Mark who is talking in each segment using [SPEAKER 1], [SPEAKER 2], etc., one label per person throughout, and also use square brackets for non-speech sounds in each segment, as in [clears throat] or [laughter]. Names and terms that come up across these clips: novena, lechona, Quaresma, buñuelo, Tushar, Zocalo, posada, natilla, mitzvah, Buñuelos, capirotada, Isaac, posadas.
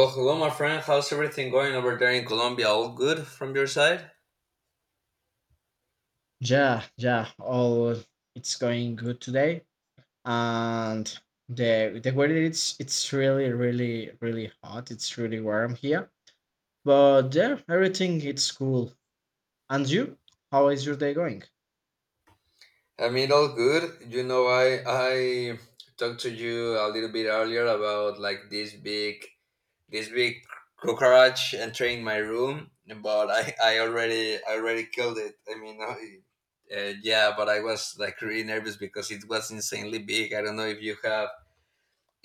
[SPEAKER 1] Well, hello, my friend. How's everything going over there in Colombia? All good from your side?
[SPEAKER 2] Yeah, yeah. All it's going good today, and the weather it's really hot. It's really warm here, but yeah, everything it's cool. And you, how is your day going?
[SPEAKER 1] I mean, all good. You know, I talked to you a little bit earlier about like this big this big cockroach entering my room, but I already killed it. I mean, yeah, but I was like really nervous because it was insanely big. I don't know if you have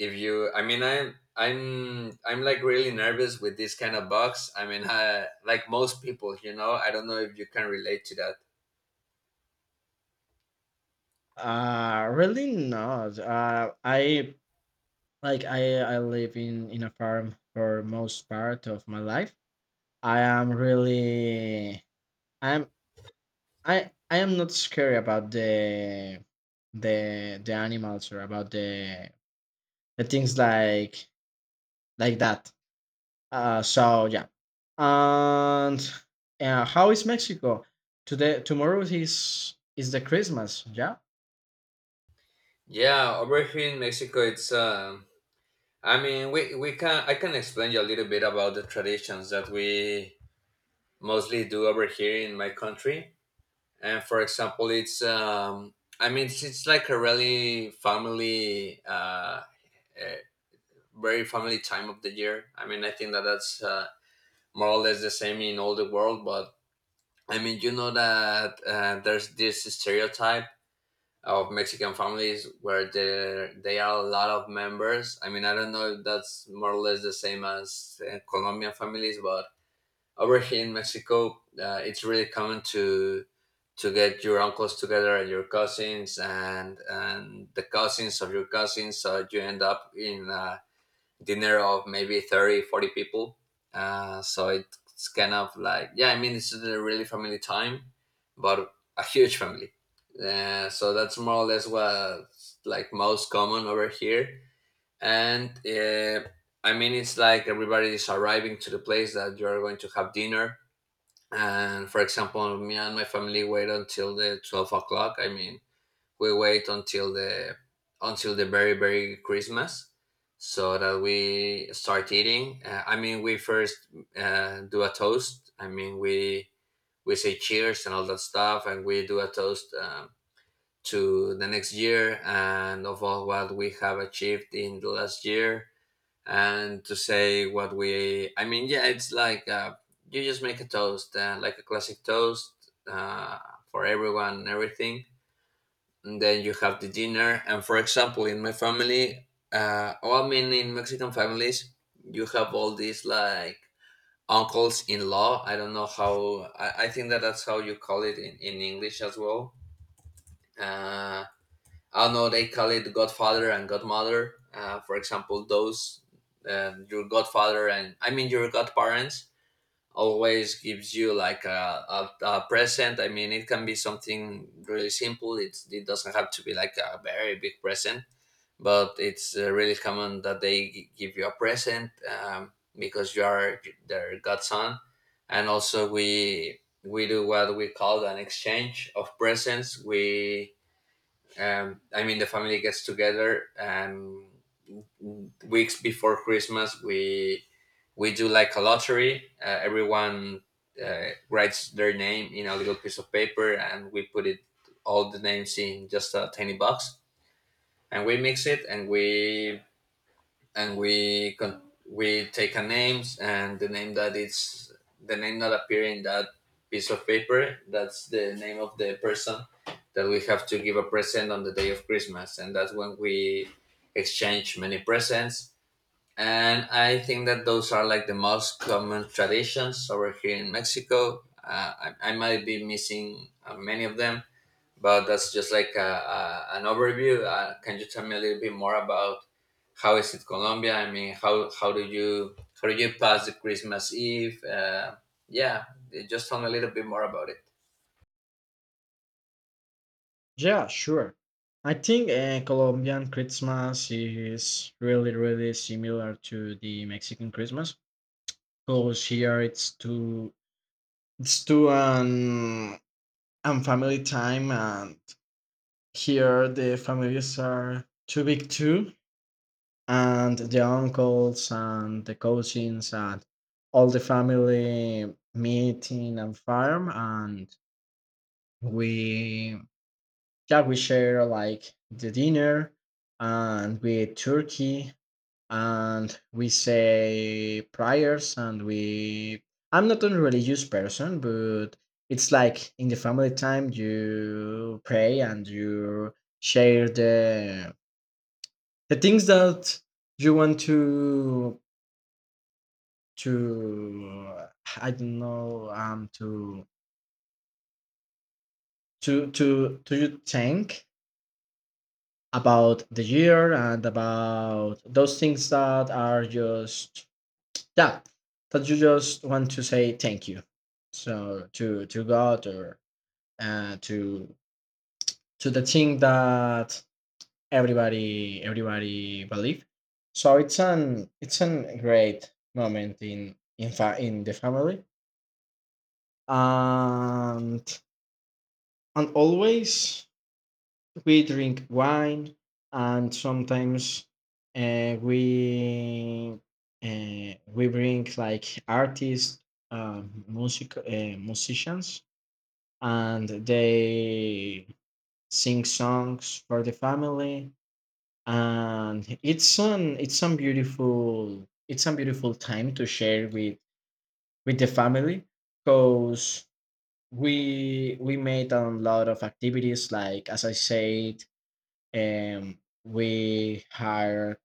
[SPEAKER 1] if you I mean, I'm like really nervous with this kind of bugs. I mean, [laughs] like most people. I don't know if you can relate to that.
[SPEAKER 2] Really not. I like I live in a farm for most part of my life. I am really. I'm. I am not scared about the animals or about the things like that. So yeah, and how is Mexico today? Tomorrow is the Christmas. Yeah,
[SPEAKER 1] Yeah, over here in Mexico it's I mean, we can I can explain you a little bit about the traditions that we mostly do over here in my country. And for example it's I mean, it's like a really family uh very family time of the year. I mean, I think that that's more or less the same in all the world. But I mean, you know that there's this stereotype of Mexican families where there they are a lot of members. I mean, I don't know if that's more or less the same as Colombian families, but over here in Mexico, it's really common to get your uncles together and your cousins and the cousins of your cousins, so you end up in a dinner of maybe 30, 40 people. So it's kind of like, yeah, I mean this is a really family time, but a huge family. So that's more or less what's like most common over here. And I mean, it's like everybody is arriving to the place that you are going to have dinner. And for example me and my family wait until the 12 o'clock. I mean, we wait until the very very Christmas so that we start eating. I mean, we first do a toast. I mean, we say cheers and all that stuff, and we do a toast, to the next year and of all what we have achieved in the last year, and to say what we. I mean, yeah, it's like you just make a toast, like a classic toast for everyone and everything. And then you have the dinner. And for example in my family oh, I mean, in Mexican families you have all these like uncles in law. I don't know how I think that that's how you call it in, English as well. uh I don't know, they call it godfather and godmother. For example those, your godfather and I mean your godparents always gives you like a present. I mean it can be something really simple. It doesn't have to be like a very big present, but it's really common that they give you a present, um, because you are their godson. And also we do what we call an exchange of presents. We I mean, the family gets together and weeks before Christmas we do like a lottery. Everyone writes their name in a little piece of paper, and we put it all the names in just a tiny box, and we mix it, and and we con- we take a names, and the name that is the name that appear in that piece of paper. That's the name of the person that we have to give a present on the day of Christmas, and that's when we exchange many presents. And I think that those are like the most common traditions over here in Mexico. I might be missing many of them, but that's just like an overview. Can you tell me a little bit more about how is it Colombia? I mean, how do you pass the Christmas Eve? Yeah, just tell me a little bit more about it.
[SPEAKER 2] yeah, sure. I think Colombian Christmas is really similar to the Mexican Christmas because here it's too and family time. And here, the families are too big too, and the uncles and the cousins and all the family meet in a farm, and we yeah, we share like the dinner, and we eat turkey, and we say prayers, and we. I'm not a religious person, but it's like in the family time you pray and you share the things that you want to I don't know to you think about the year and about those things that are just that that you just want to say thank you so to god or uh, to to the thing that everybody believe. So it's an great moment in in the family. and and always we drink wine, and sometimes uh, we we bring like artists, musicians, and they sing songs for the family. And it's an it's some beautiful time to share with the family, because we made a lot of activities, like as I said, we hired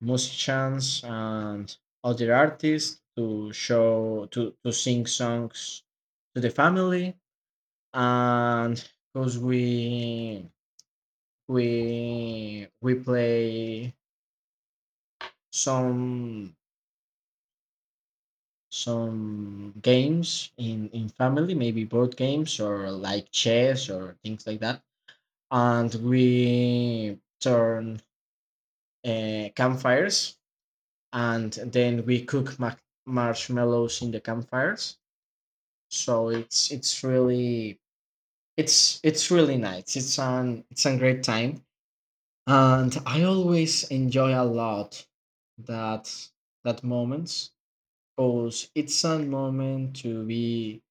[SPEAKER 2] musicians and other artists to sing songs to the family. And because we play some games in family, maybe board games or like chess or things like that. And we turn campfires, and then we cook marshmallows in the campfires. So it's really nice. It's a great time, and I always enjoy a lot that that moments, because it's a moment to be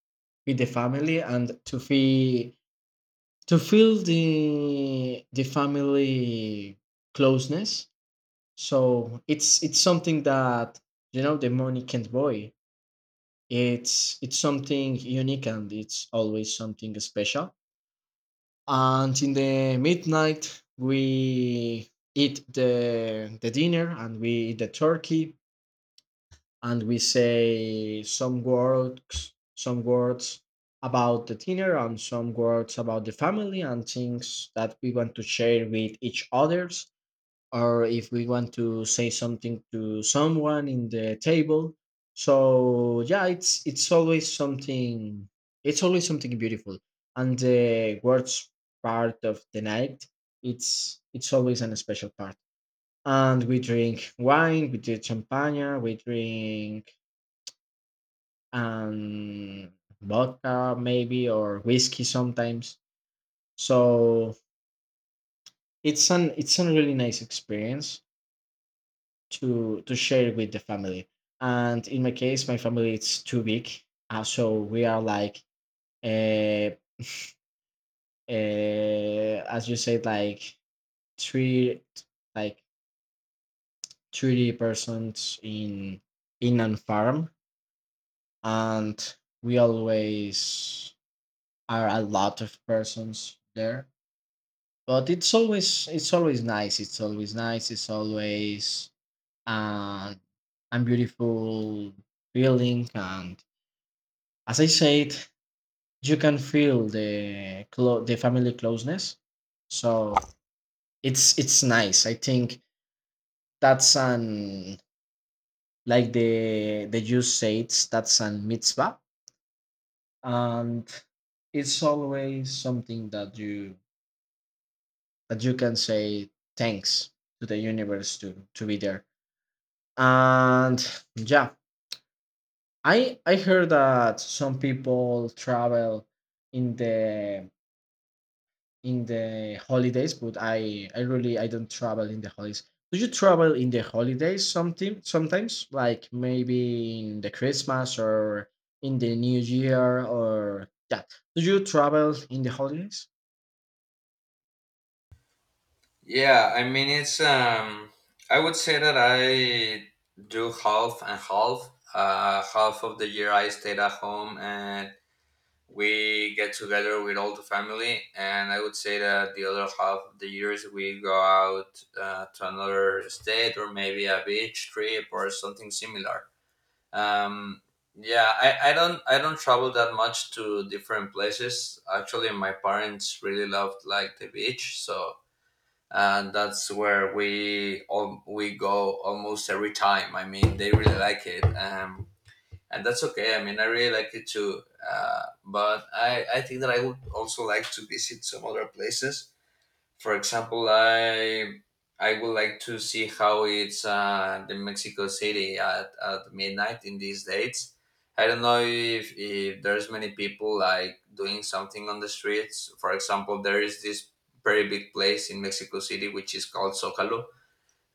[SPEAKER 2] with the family and to feel the family closeness. So it's something that, you know, the money can't buy. It's something unique, and it's always something special. And in the midnight we eat the dinner and we eat the turkey, and we say some words, about the dinner, and some words about the family and things that we want to share with each others, or if we want to say something to someone in the table. So yeah, it's always something beautiful. And the worst part of the night it's always an special part, and we drink wine, we drink champagne, we drink um vodka maybe or whiskey sometimes. So it's a really nice experience to share with the family. And in my case, my family it's too big, so we are like, uh, as you said, like three, like 30 persons in an farm, and we always are a lot of persons there. But it's always nice. It's always nice. It's always uh, a beautiful feeling. And as I said, you can feel the family closeness. So it's nice. I think that's an like the Jews say it's that's an mitzvah, and it's always something that you can say thanks to the universe to be there. And yeah, I heard that some people travel in the in the holidays, but I really I don't travel in the holidays. Do you travel in the holidays something sometimes? Like maybe in the Christmas or in the New Year or that. Do you travel in the holidays?
[SPEAKER 1] Yeah, I mean it's I would say that I do half and half. Half of the year I stayed at home, and we get together with all the family. And I would say that the other half of the years we go out, to another state or maybe a beach trip or something similar. Um yeah, I don't travel that much to different places. Actually my parents really loved like the beach, so and that's where we go almost every time. I mean, they really like it, and that's okay. I mean, I really like it too. But I think that I would also like to visit some other places. For example, I would like to see how it's the Mexico City at midnight in these dates. I don't know if there's many people like doing something on the streets. For example, there is this very big place in Mexico City which is called Zocalo,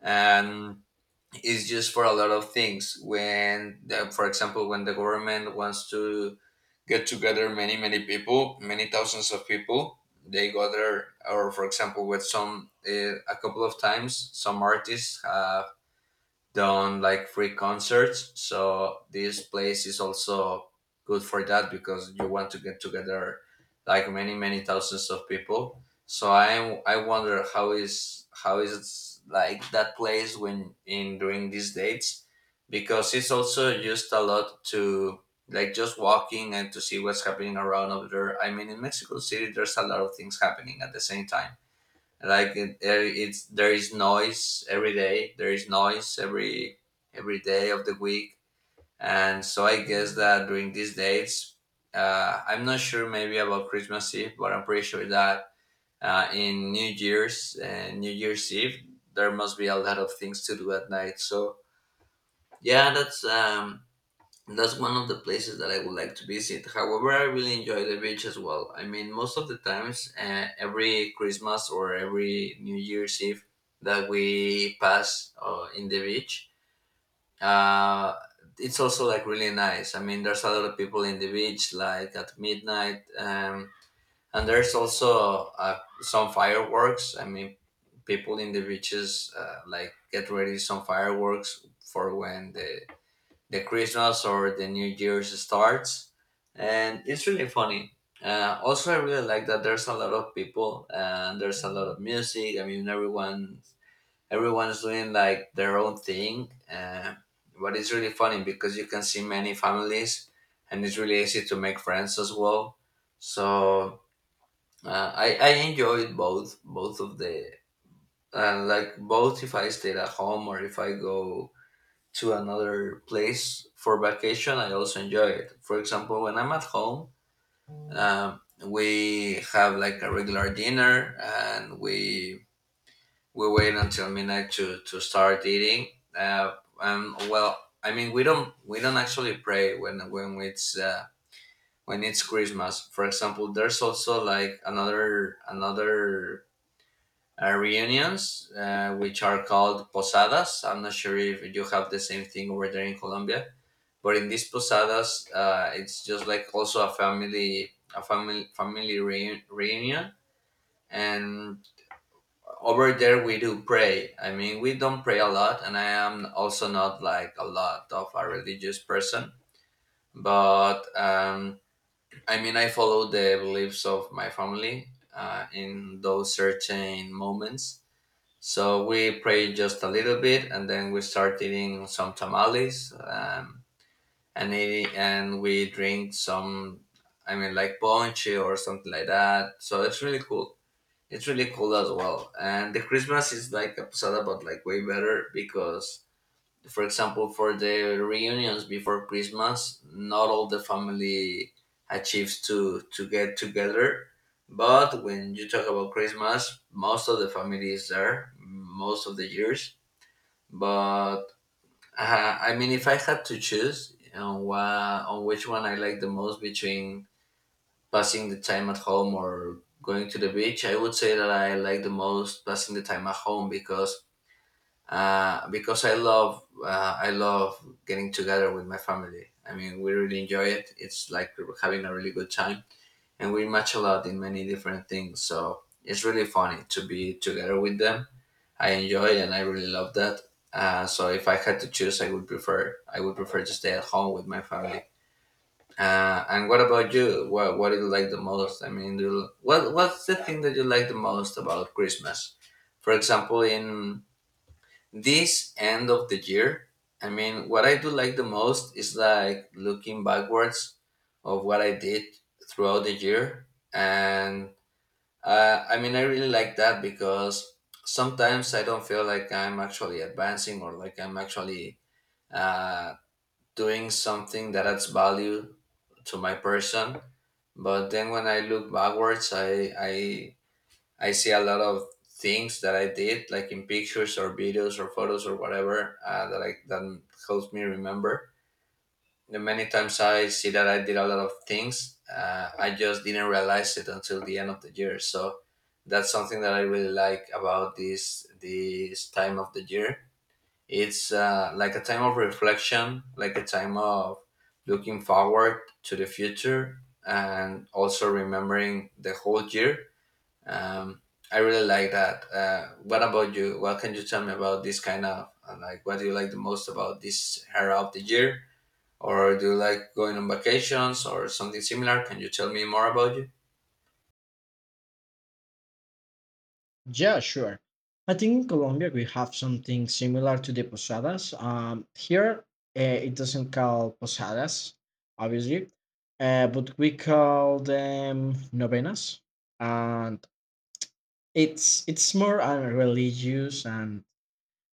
[SPEAKER 1] and it's just for a lot of things when for example when the government wants to get together many thousands of people they gather. Or for example with some a couple of times some artists done like free concerts. So this place is also good for that because you want to get together like many thousands of people. So I wonder how is it like that place when in during these dates, because it's also used a lot to like just walking and to see what's happening around over there. I mean in Mexico City there's a lot of things happening at the same time, like it, it's there is noise every day. There is noise every day of the week. And so I guess that during these days, I'm not sure maybe about Christmas Eve, but I'm pretty sure that in New Year's and New Year's Eve there must be a lot of things to do at night. So yeah, that's one of the places that I would like to visit. However, I really enjoy the beach as well. I mean, most of the times, every Christmas or every New Year's Eve that we pass in the beach, uh, it's also like really nice. I mean, there's a lot of people in the beach, like at midnight, and there's also some fireworks. I mean, people in the beaches like get ready some fireworks for when the Christmas or the New Year's starts, and it's really funny. Also, I really like that there's a lot of people and there's a lot of music. I mean, everyone's doing like their own thing, but it's really funny because you can see many families, and it's really easy to make friends as well. So I enjoyed both both of the like both if I stayed at home or if I go to another place for vacation, I also enjoy it. For example, when I'm at home, we have like a regular dinner, and we wait until midnight to start eating. Uh, well, I mean, we don't actually pray when it's Christmas. For example, there's also like another another. Reunions, which are called posadas. I'm not sure if you have the same thing over there in Colombia. But in these posadas, it's just like also a family family reunion. And over there, we do pray. I mean, we don't pray a lot, and I am also not like a lot of a religious person. But I mean, I follow the beliefs of my family, in those certain moments. So we pray just a little bit, and then we start eating some tamales. And and we drink some, I mean like ponche or something like that, so it's really cool. It's really cool as well. And the Christmas is like a posada but like way better because, for example, for the reunions before Christmas not all the family achieves to get together. But when you talk about Christmas most of the family is there most of the years. But I mean, if I had to choose on which one I like the most between passing the time at home or going to the beach, I would say that I like the most passing the time at home because, because I love, getting together with my family. I mean, we really enjoy it. It's like we're having a really good time, and we match a lot in many different things. So it's really funny to be together with them. I enjoy and I really love that. So if I had to choose, I would prefer to stay at home with my family. And what about you? What do you like the most? I mean, what's the thing that you like the most about Christmas? For example, in this end of the year, I mean, what I do like the most is like looking backwards of what I did throughout the year and I mean, I really like that because sometimes I don't feel like I'm actually advancing or like I'm actually uh, doing something that adds value to my person. But then when I look backwards, I see a lot of things that I did, like in pictures or videos or photos or whatever, that helps me remember the many times I see that I did a lot of things, I just didn't realize it until the end of the year. So that's something that I really like about this time of the year. It's like a time of reflection, like a time of looking forward to the future, and also remembering the whole year. Um, I really like that. What about you? What can you tell me about this kind of like what do you like the most about this era of the year? Or do you like going on vacations or something similar? Can you tell me more about you?
[SPEAKER 2] Yeah, sure. I think in Colombia we have something similar to the posadas. Here uh, it doesn't call posadas, obviously, but we call them novenas, and it's more a religious and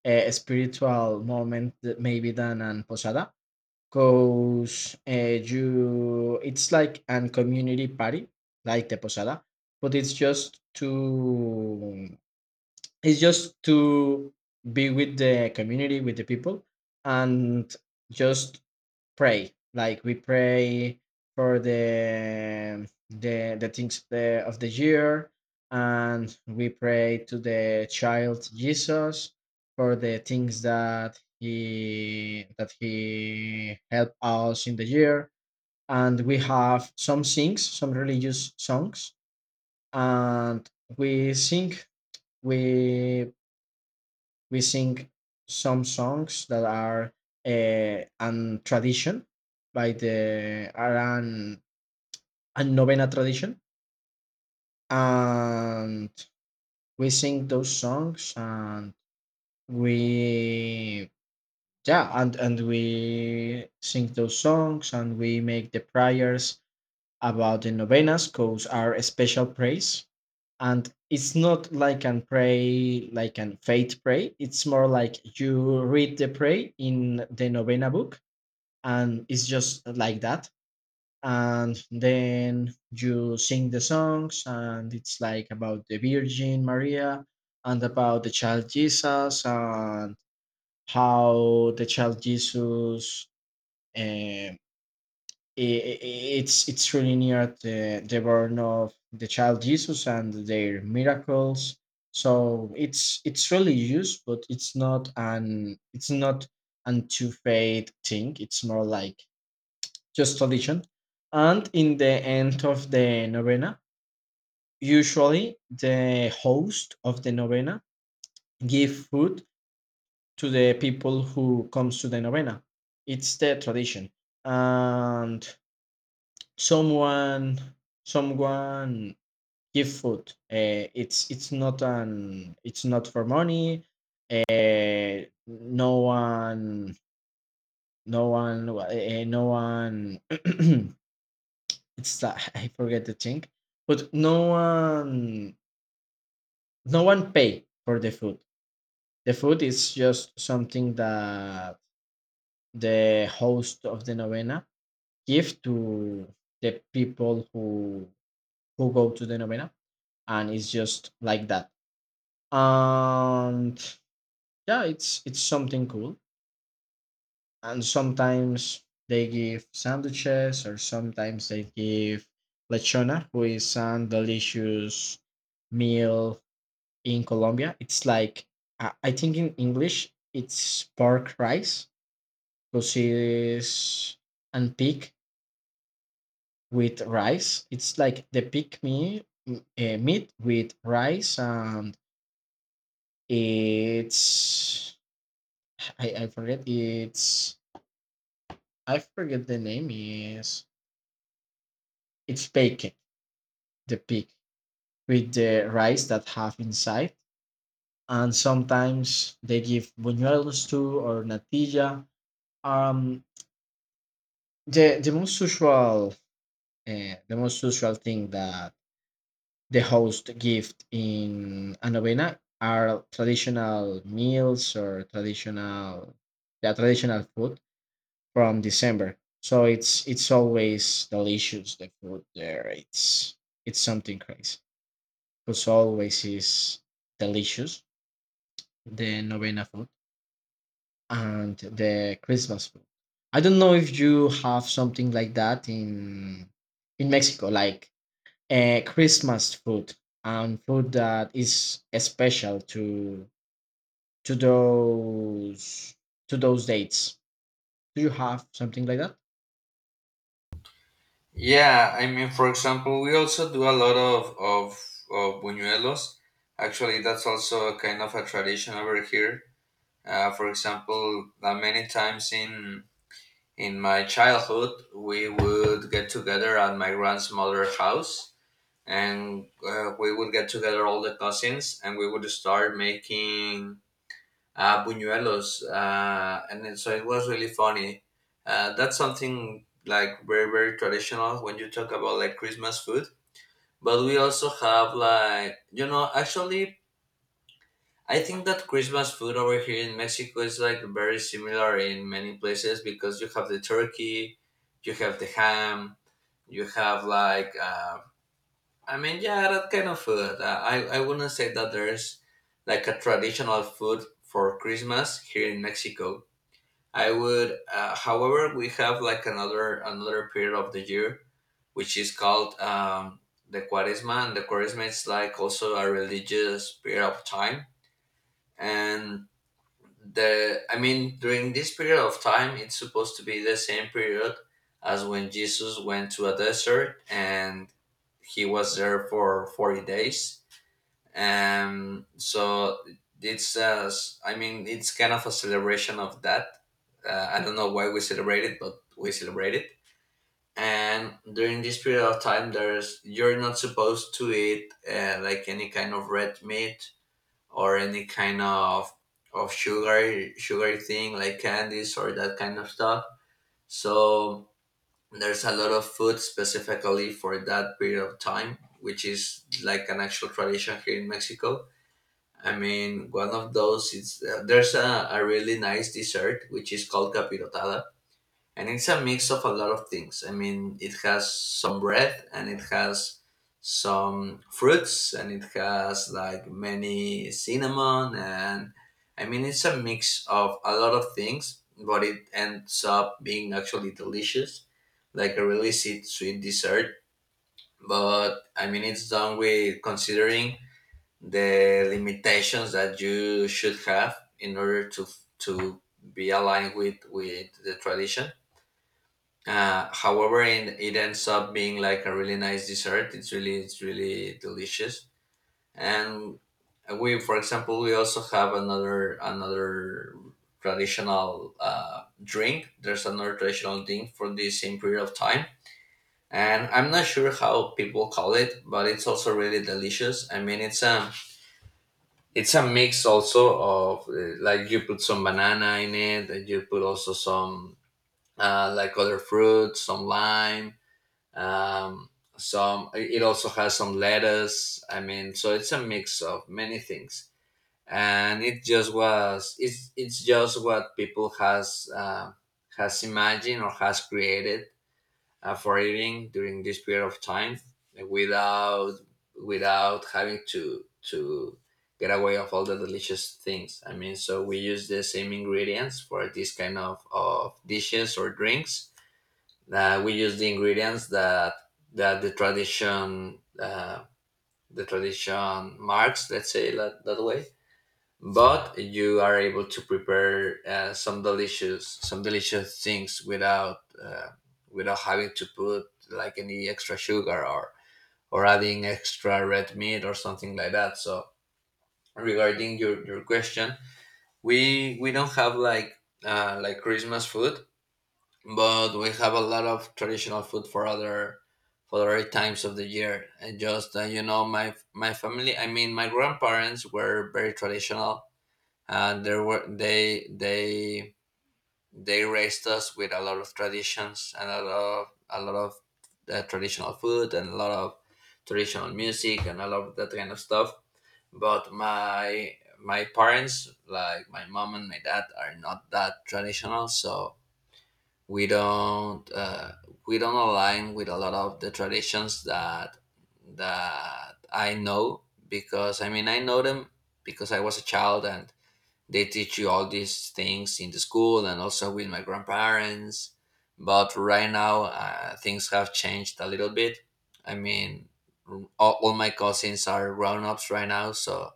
[SPEAKER 2] a spiritual moment that maybe than an posada, because you it's like an community party like the posada, but it's just to be with the community with the people, and just pray like we pray for the things of of the year. And we pray to the child Jesus for the things that he helped us in the year. And we have some things, some religious songs, and we sing we we sing some songs that are an tradition by the are an, a novena tradition. And we sing those songs and we yeah and we sing those songs and we make the prayers about the novenas, because are a special praise. And it's not like an pray like an faith pray, it's more like you read the pray in the novena book, and it's just like that. And then you sing the songs, and it's like about the Virgin Maria and about the child Jesus, and how the child Jesus um, i- i- it's really near the born of the child Jesus and their miracles. So it's really used, but it's not an two faith thing, it's more like just tradition. And in the end of the novena, usually the host of the novena give food to the people who comes to the novena. It's the tradition. And someone someone give food. It's not an it's not for money. Uh, no one no one [clears throat] it's that [laughs] I forget the thing, but no one pay for the food. The food is just something that the host of the novena give to the people who go to the novena, and it's just like that. And yeah, it's something cool. And sometimes they give sandwiches, or sometimes they give lechona, who is a delicious meal in Colombia. It's like I think in English it's pork rice, because it is, and pig with rice. It's like the pig meat, with rice, and it's I forget the name is it's bacon, the pig with the rice that have inside. And sometimes they give buñuelos too, or natilla. um The the most usual thing that the host give in a novena are traditional meals or traditional the traditional food from December. So it's always delicious the food there. It's something crazy, because always is delicious the novena food and the Christmas food. I don't know if you have something like that in Mexico, like Christmas food and food that is special to to those to those dates. Do you have something like that?
[SPEAKER 1] Yeah, I mean, for example, we also do a lot of buñuelos. Actually, that's also a kind of a tradition over here. For example, many times in my childhood, we would get together at my grandmother's house, and we would get together all the cousins, and we would start making Buñuelos, and then, so it was really funny. That's something like very very traditional when you talk about like Christmas food. But we also have, like, you know, actually I think that Christmas food over here in Mexico is like very similar in many places because you have the turkey, you have the ham, you have like I mean, yeah, that kind of food. I wouldn't say that there's like a traditional food for Christmas here in Mexico I would, however, we have like another period of the year which is called the Quaresma, and the Quaresma is like also a religious period of time. And the I mean, during this period of time, it's supposed to be the same period as when Jesus went to a desert and he was there for 40 days. And so it's I mean, it's kind of a celebration of that I don't know why we celebrate it, but we celebrate it. And during this period of time, there's you're not supposed to eat like any kind of red meat or any kind of sugary thing like candies or that kind of stuff. So there's a lot of food specifically for that period of time, which is like an actual tradition here in Mexico. I mean, one of those is there's a really nice dessert which is called capirotada and it's a mix of a lot of things. I mean, it has some bread and it has some fruits and it has like many cinnamon and I mean it's a mix of a lot of things, but it ends up being actually delicious, like a really sweet, sweet dessert. But I mean, it's done with considering the limitations that you should have in order to be aligned with the tradition however, it ends up being like a really nice dessert. It's really delicious. And we, for example, we also have another traditional drink. There's another traditional drink for the same period of time, and I'm not sure how people call it, but it's also really delicious. I mean, it's a mix also of like you put some banana in it, and you put also some like other fruits, some lime um, some it also has some lettuce, I mean, so it's a mix of many things and it's just what people has imagined or has created for eating during this period of time without having to get away of all the delicious things, I mean, so we use the same ingredients for this kind of dishes or drinks we use the ingredients that that the tradition uh, the tradition marks. Let's say that, that way. But you are able to prepare some delicious things without without having to put like any extra sugar or adding extra red meat or something like that. So regarding your question, we don't have like Christmas food, but we have a lot of traditional food for other times of the year and just you know, my family, I mean, my grandparents were very traditional and there were they they raised us with a lot of traditions and a lot of traditional food and a lot of traditional music and a lot of that kind of stuff but my parents, like my mom and my dad, are not that traditional so we don't uh, we don't align with a lot of the traditions that I know because I mean I know them because I was a child and they teach you all these things in the school and also with my grandparents. But right now things have changed a little bit. I mean, all my cousins are grown ups right now, so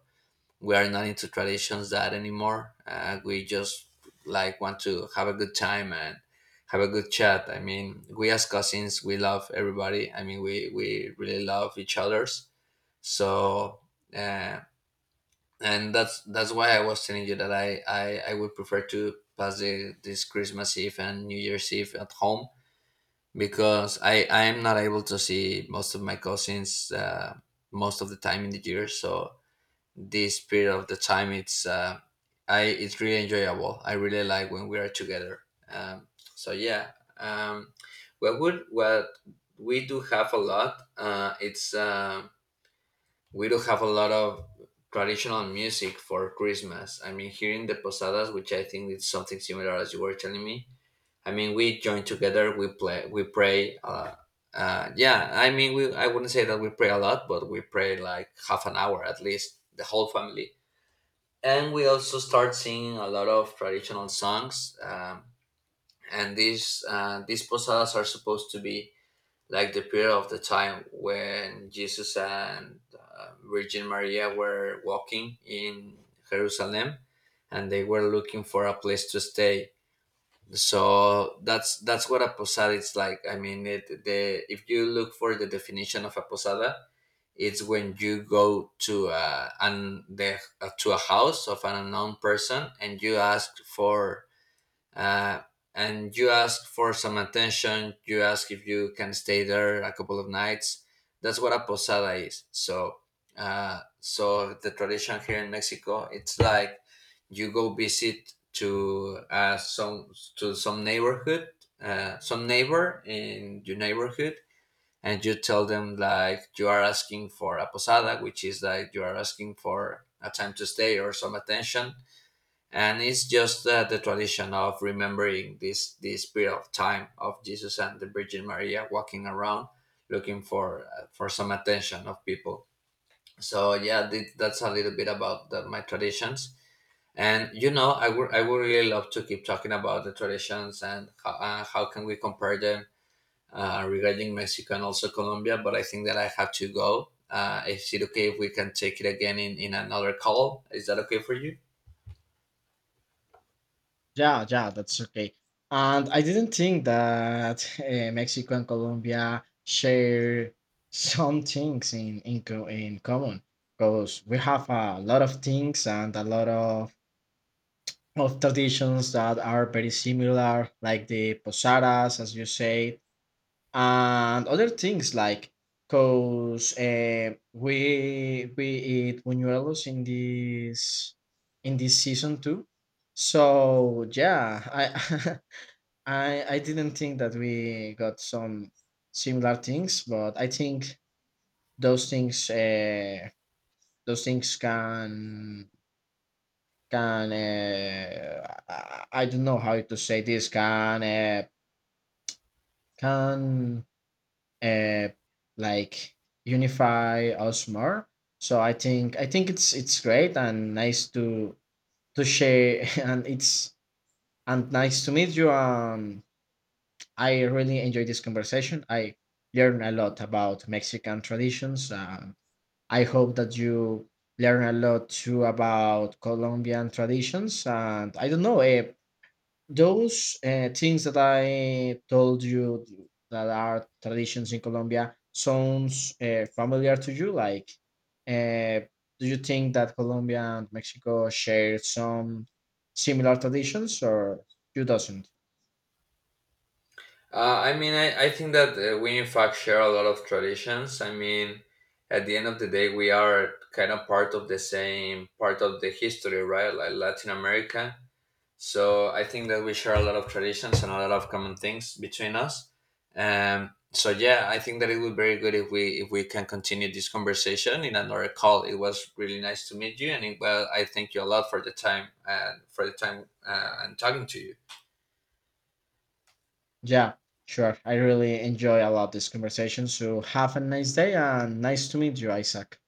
[SPEAKER 1] we are not into traditions that anymore. We just like want to have a good time and have a good chat. I mean, we as cousins, we love everybody. I mean, we really love each other's. So, uh, and that's why I was telling you that I would prefer to pass this Christmas Eve and New Year's Eve at home because I am not able to see most of my cousins most of the time in the year. So this period of the time it's I it's really enjoyable. I really like when we are together. Um, so yeah, um, what we do have a lot. It's we do have a lot of traditional music for Christmas. I mean, here in the posadas, which I think is something similar as you were telling me. I mean, we join together, we play, we pray. Yeah, I mean, we I wouldn't say that we pray a lot, but we pray like 1/2 an hour at least, the whole family and we also start singing a lot of traditional songs, and these posadas are supposed to be like the period of the time when Jesus and Virgin Maria were walking in Jerusalem and they were looking for a place to stay, so that's what a posada is like, I mean, it, the if you look for the definition of a posada it's when you go to to a house of an unknown person and you ask for uh, and you ask for some attention. You ask if you can stay there a couple of nights. That's what a posada is. So so the tradition here in Mexico, it's like you go visit to some to some neighborhood, some neighbor in your neighborhood, and you tell them like you are asking for a posada, which is like you are asking for a time to stay or some attention. And it's just the tradition of remembering this period of time of Jesus and the Virgin Maria walking around looking for some attention of people. So yeah, that's a little bit about my traditions. And you know, I would really love to keep talking about the traditions and how can we compare them regarding Mexico and also Colombia, but I think that I have to go. Is it okay if we can take it again in another call? Is that okay for you?
[SPEAKER 2] Yeah, yeah, that's okay. And I didn't think that [laughs] Mexico and Colombia share some things in in common, because we have a lot of things and a lot of traditions that are very similar, like the posadas, as you said, and other things, like because we eat buñuelos in this season too. So yeah, I [laughs] I didn't think that we got some similar things, but I think those things can can uh, i I don't know how to say this, can can uh, like unify us more. So I think it's great and nice to share [laughs] and it's and nice to meet you. I really enjoyed this conversation. I learned a lot about Mexican traditions, and I hope that you learn a lot too about Colombian traditions. And I don't know, those things that I told you that are traditions in Colombia sounds familiar to you. Like, uh, do you think that Colombia and Mexico share some similar traditions, or you doesn't?
[SPEAKER 1] I mean, I think that we in fact share a lot of traditions. I mean, at the end of the day, we are kind of part of the same part of the history, right? Like Latin America. So I think that we share a lot of traditions and a lot of common things between us. So yeah, I think that it would be very good if we can continue this conversation in another call. It was really nice to meet you, and it, well, I thank you a lot for the time and for the time and talking to you.
[SPEAKER 2] Yeah, sure. I really enjoy a lot this conversation. So have a nice day and nice to meet you, Isaac.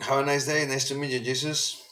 [SPEAKER 1] Have a nice day. Nice to meet you, Jesus.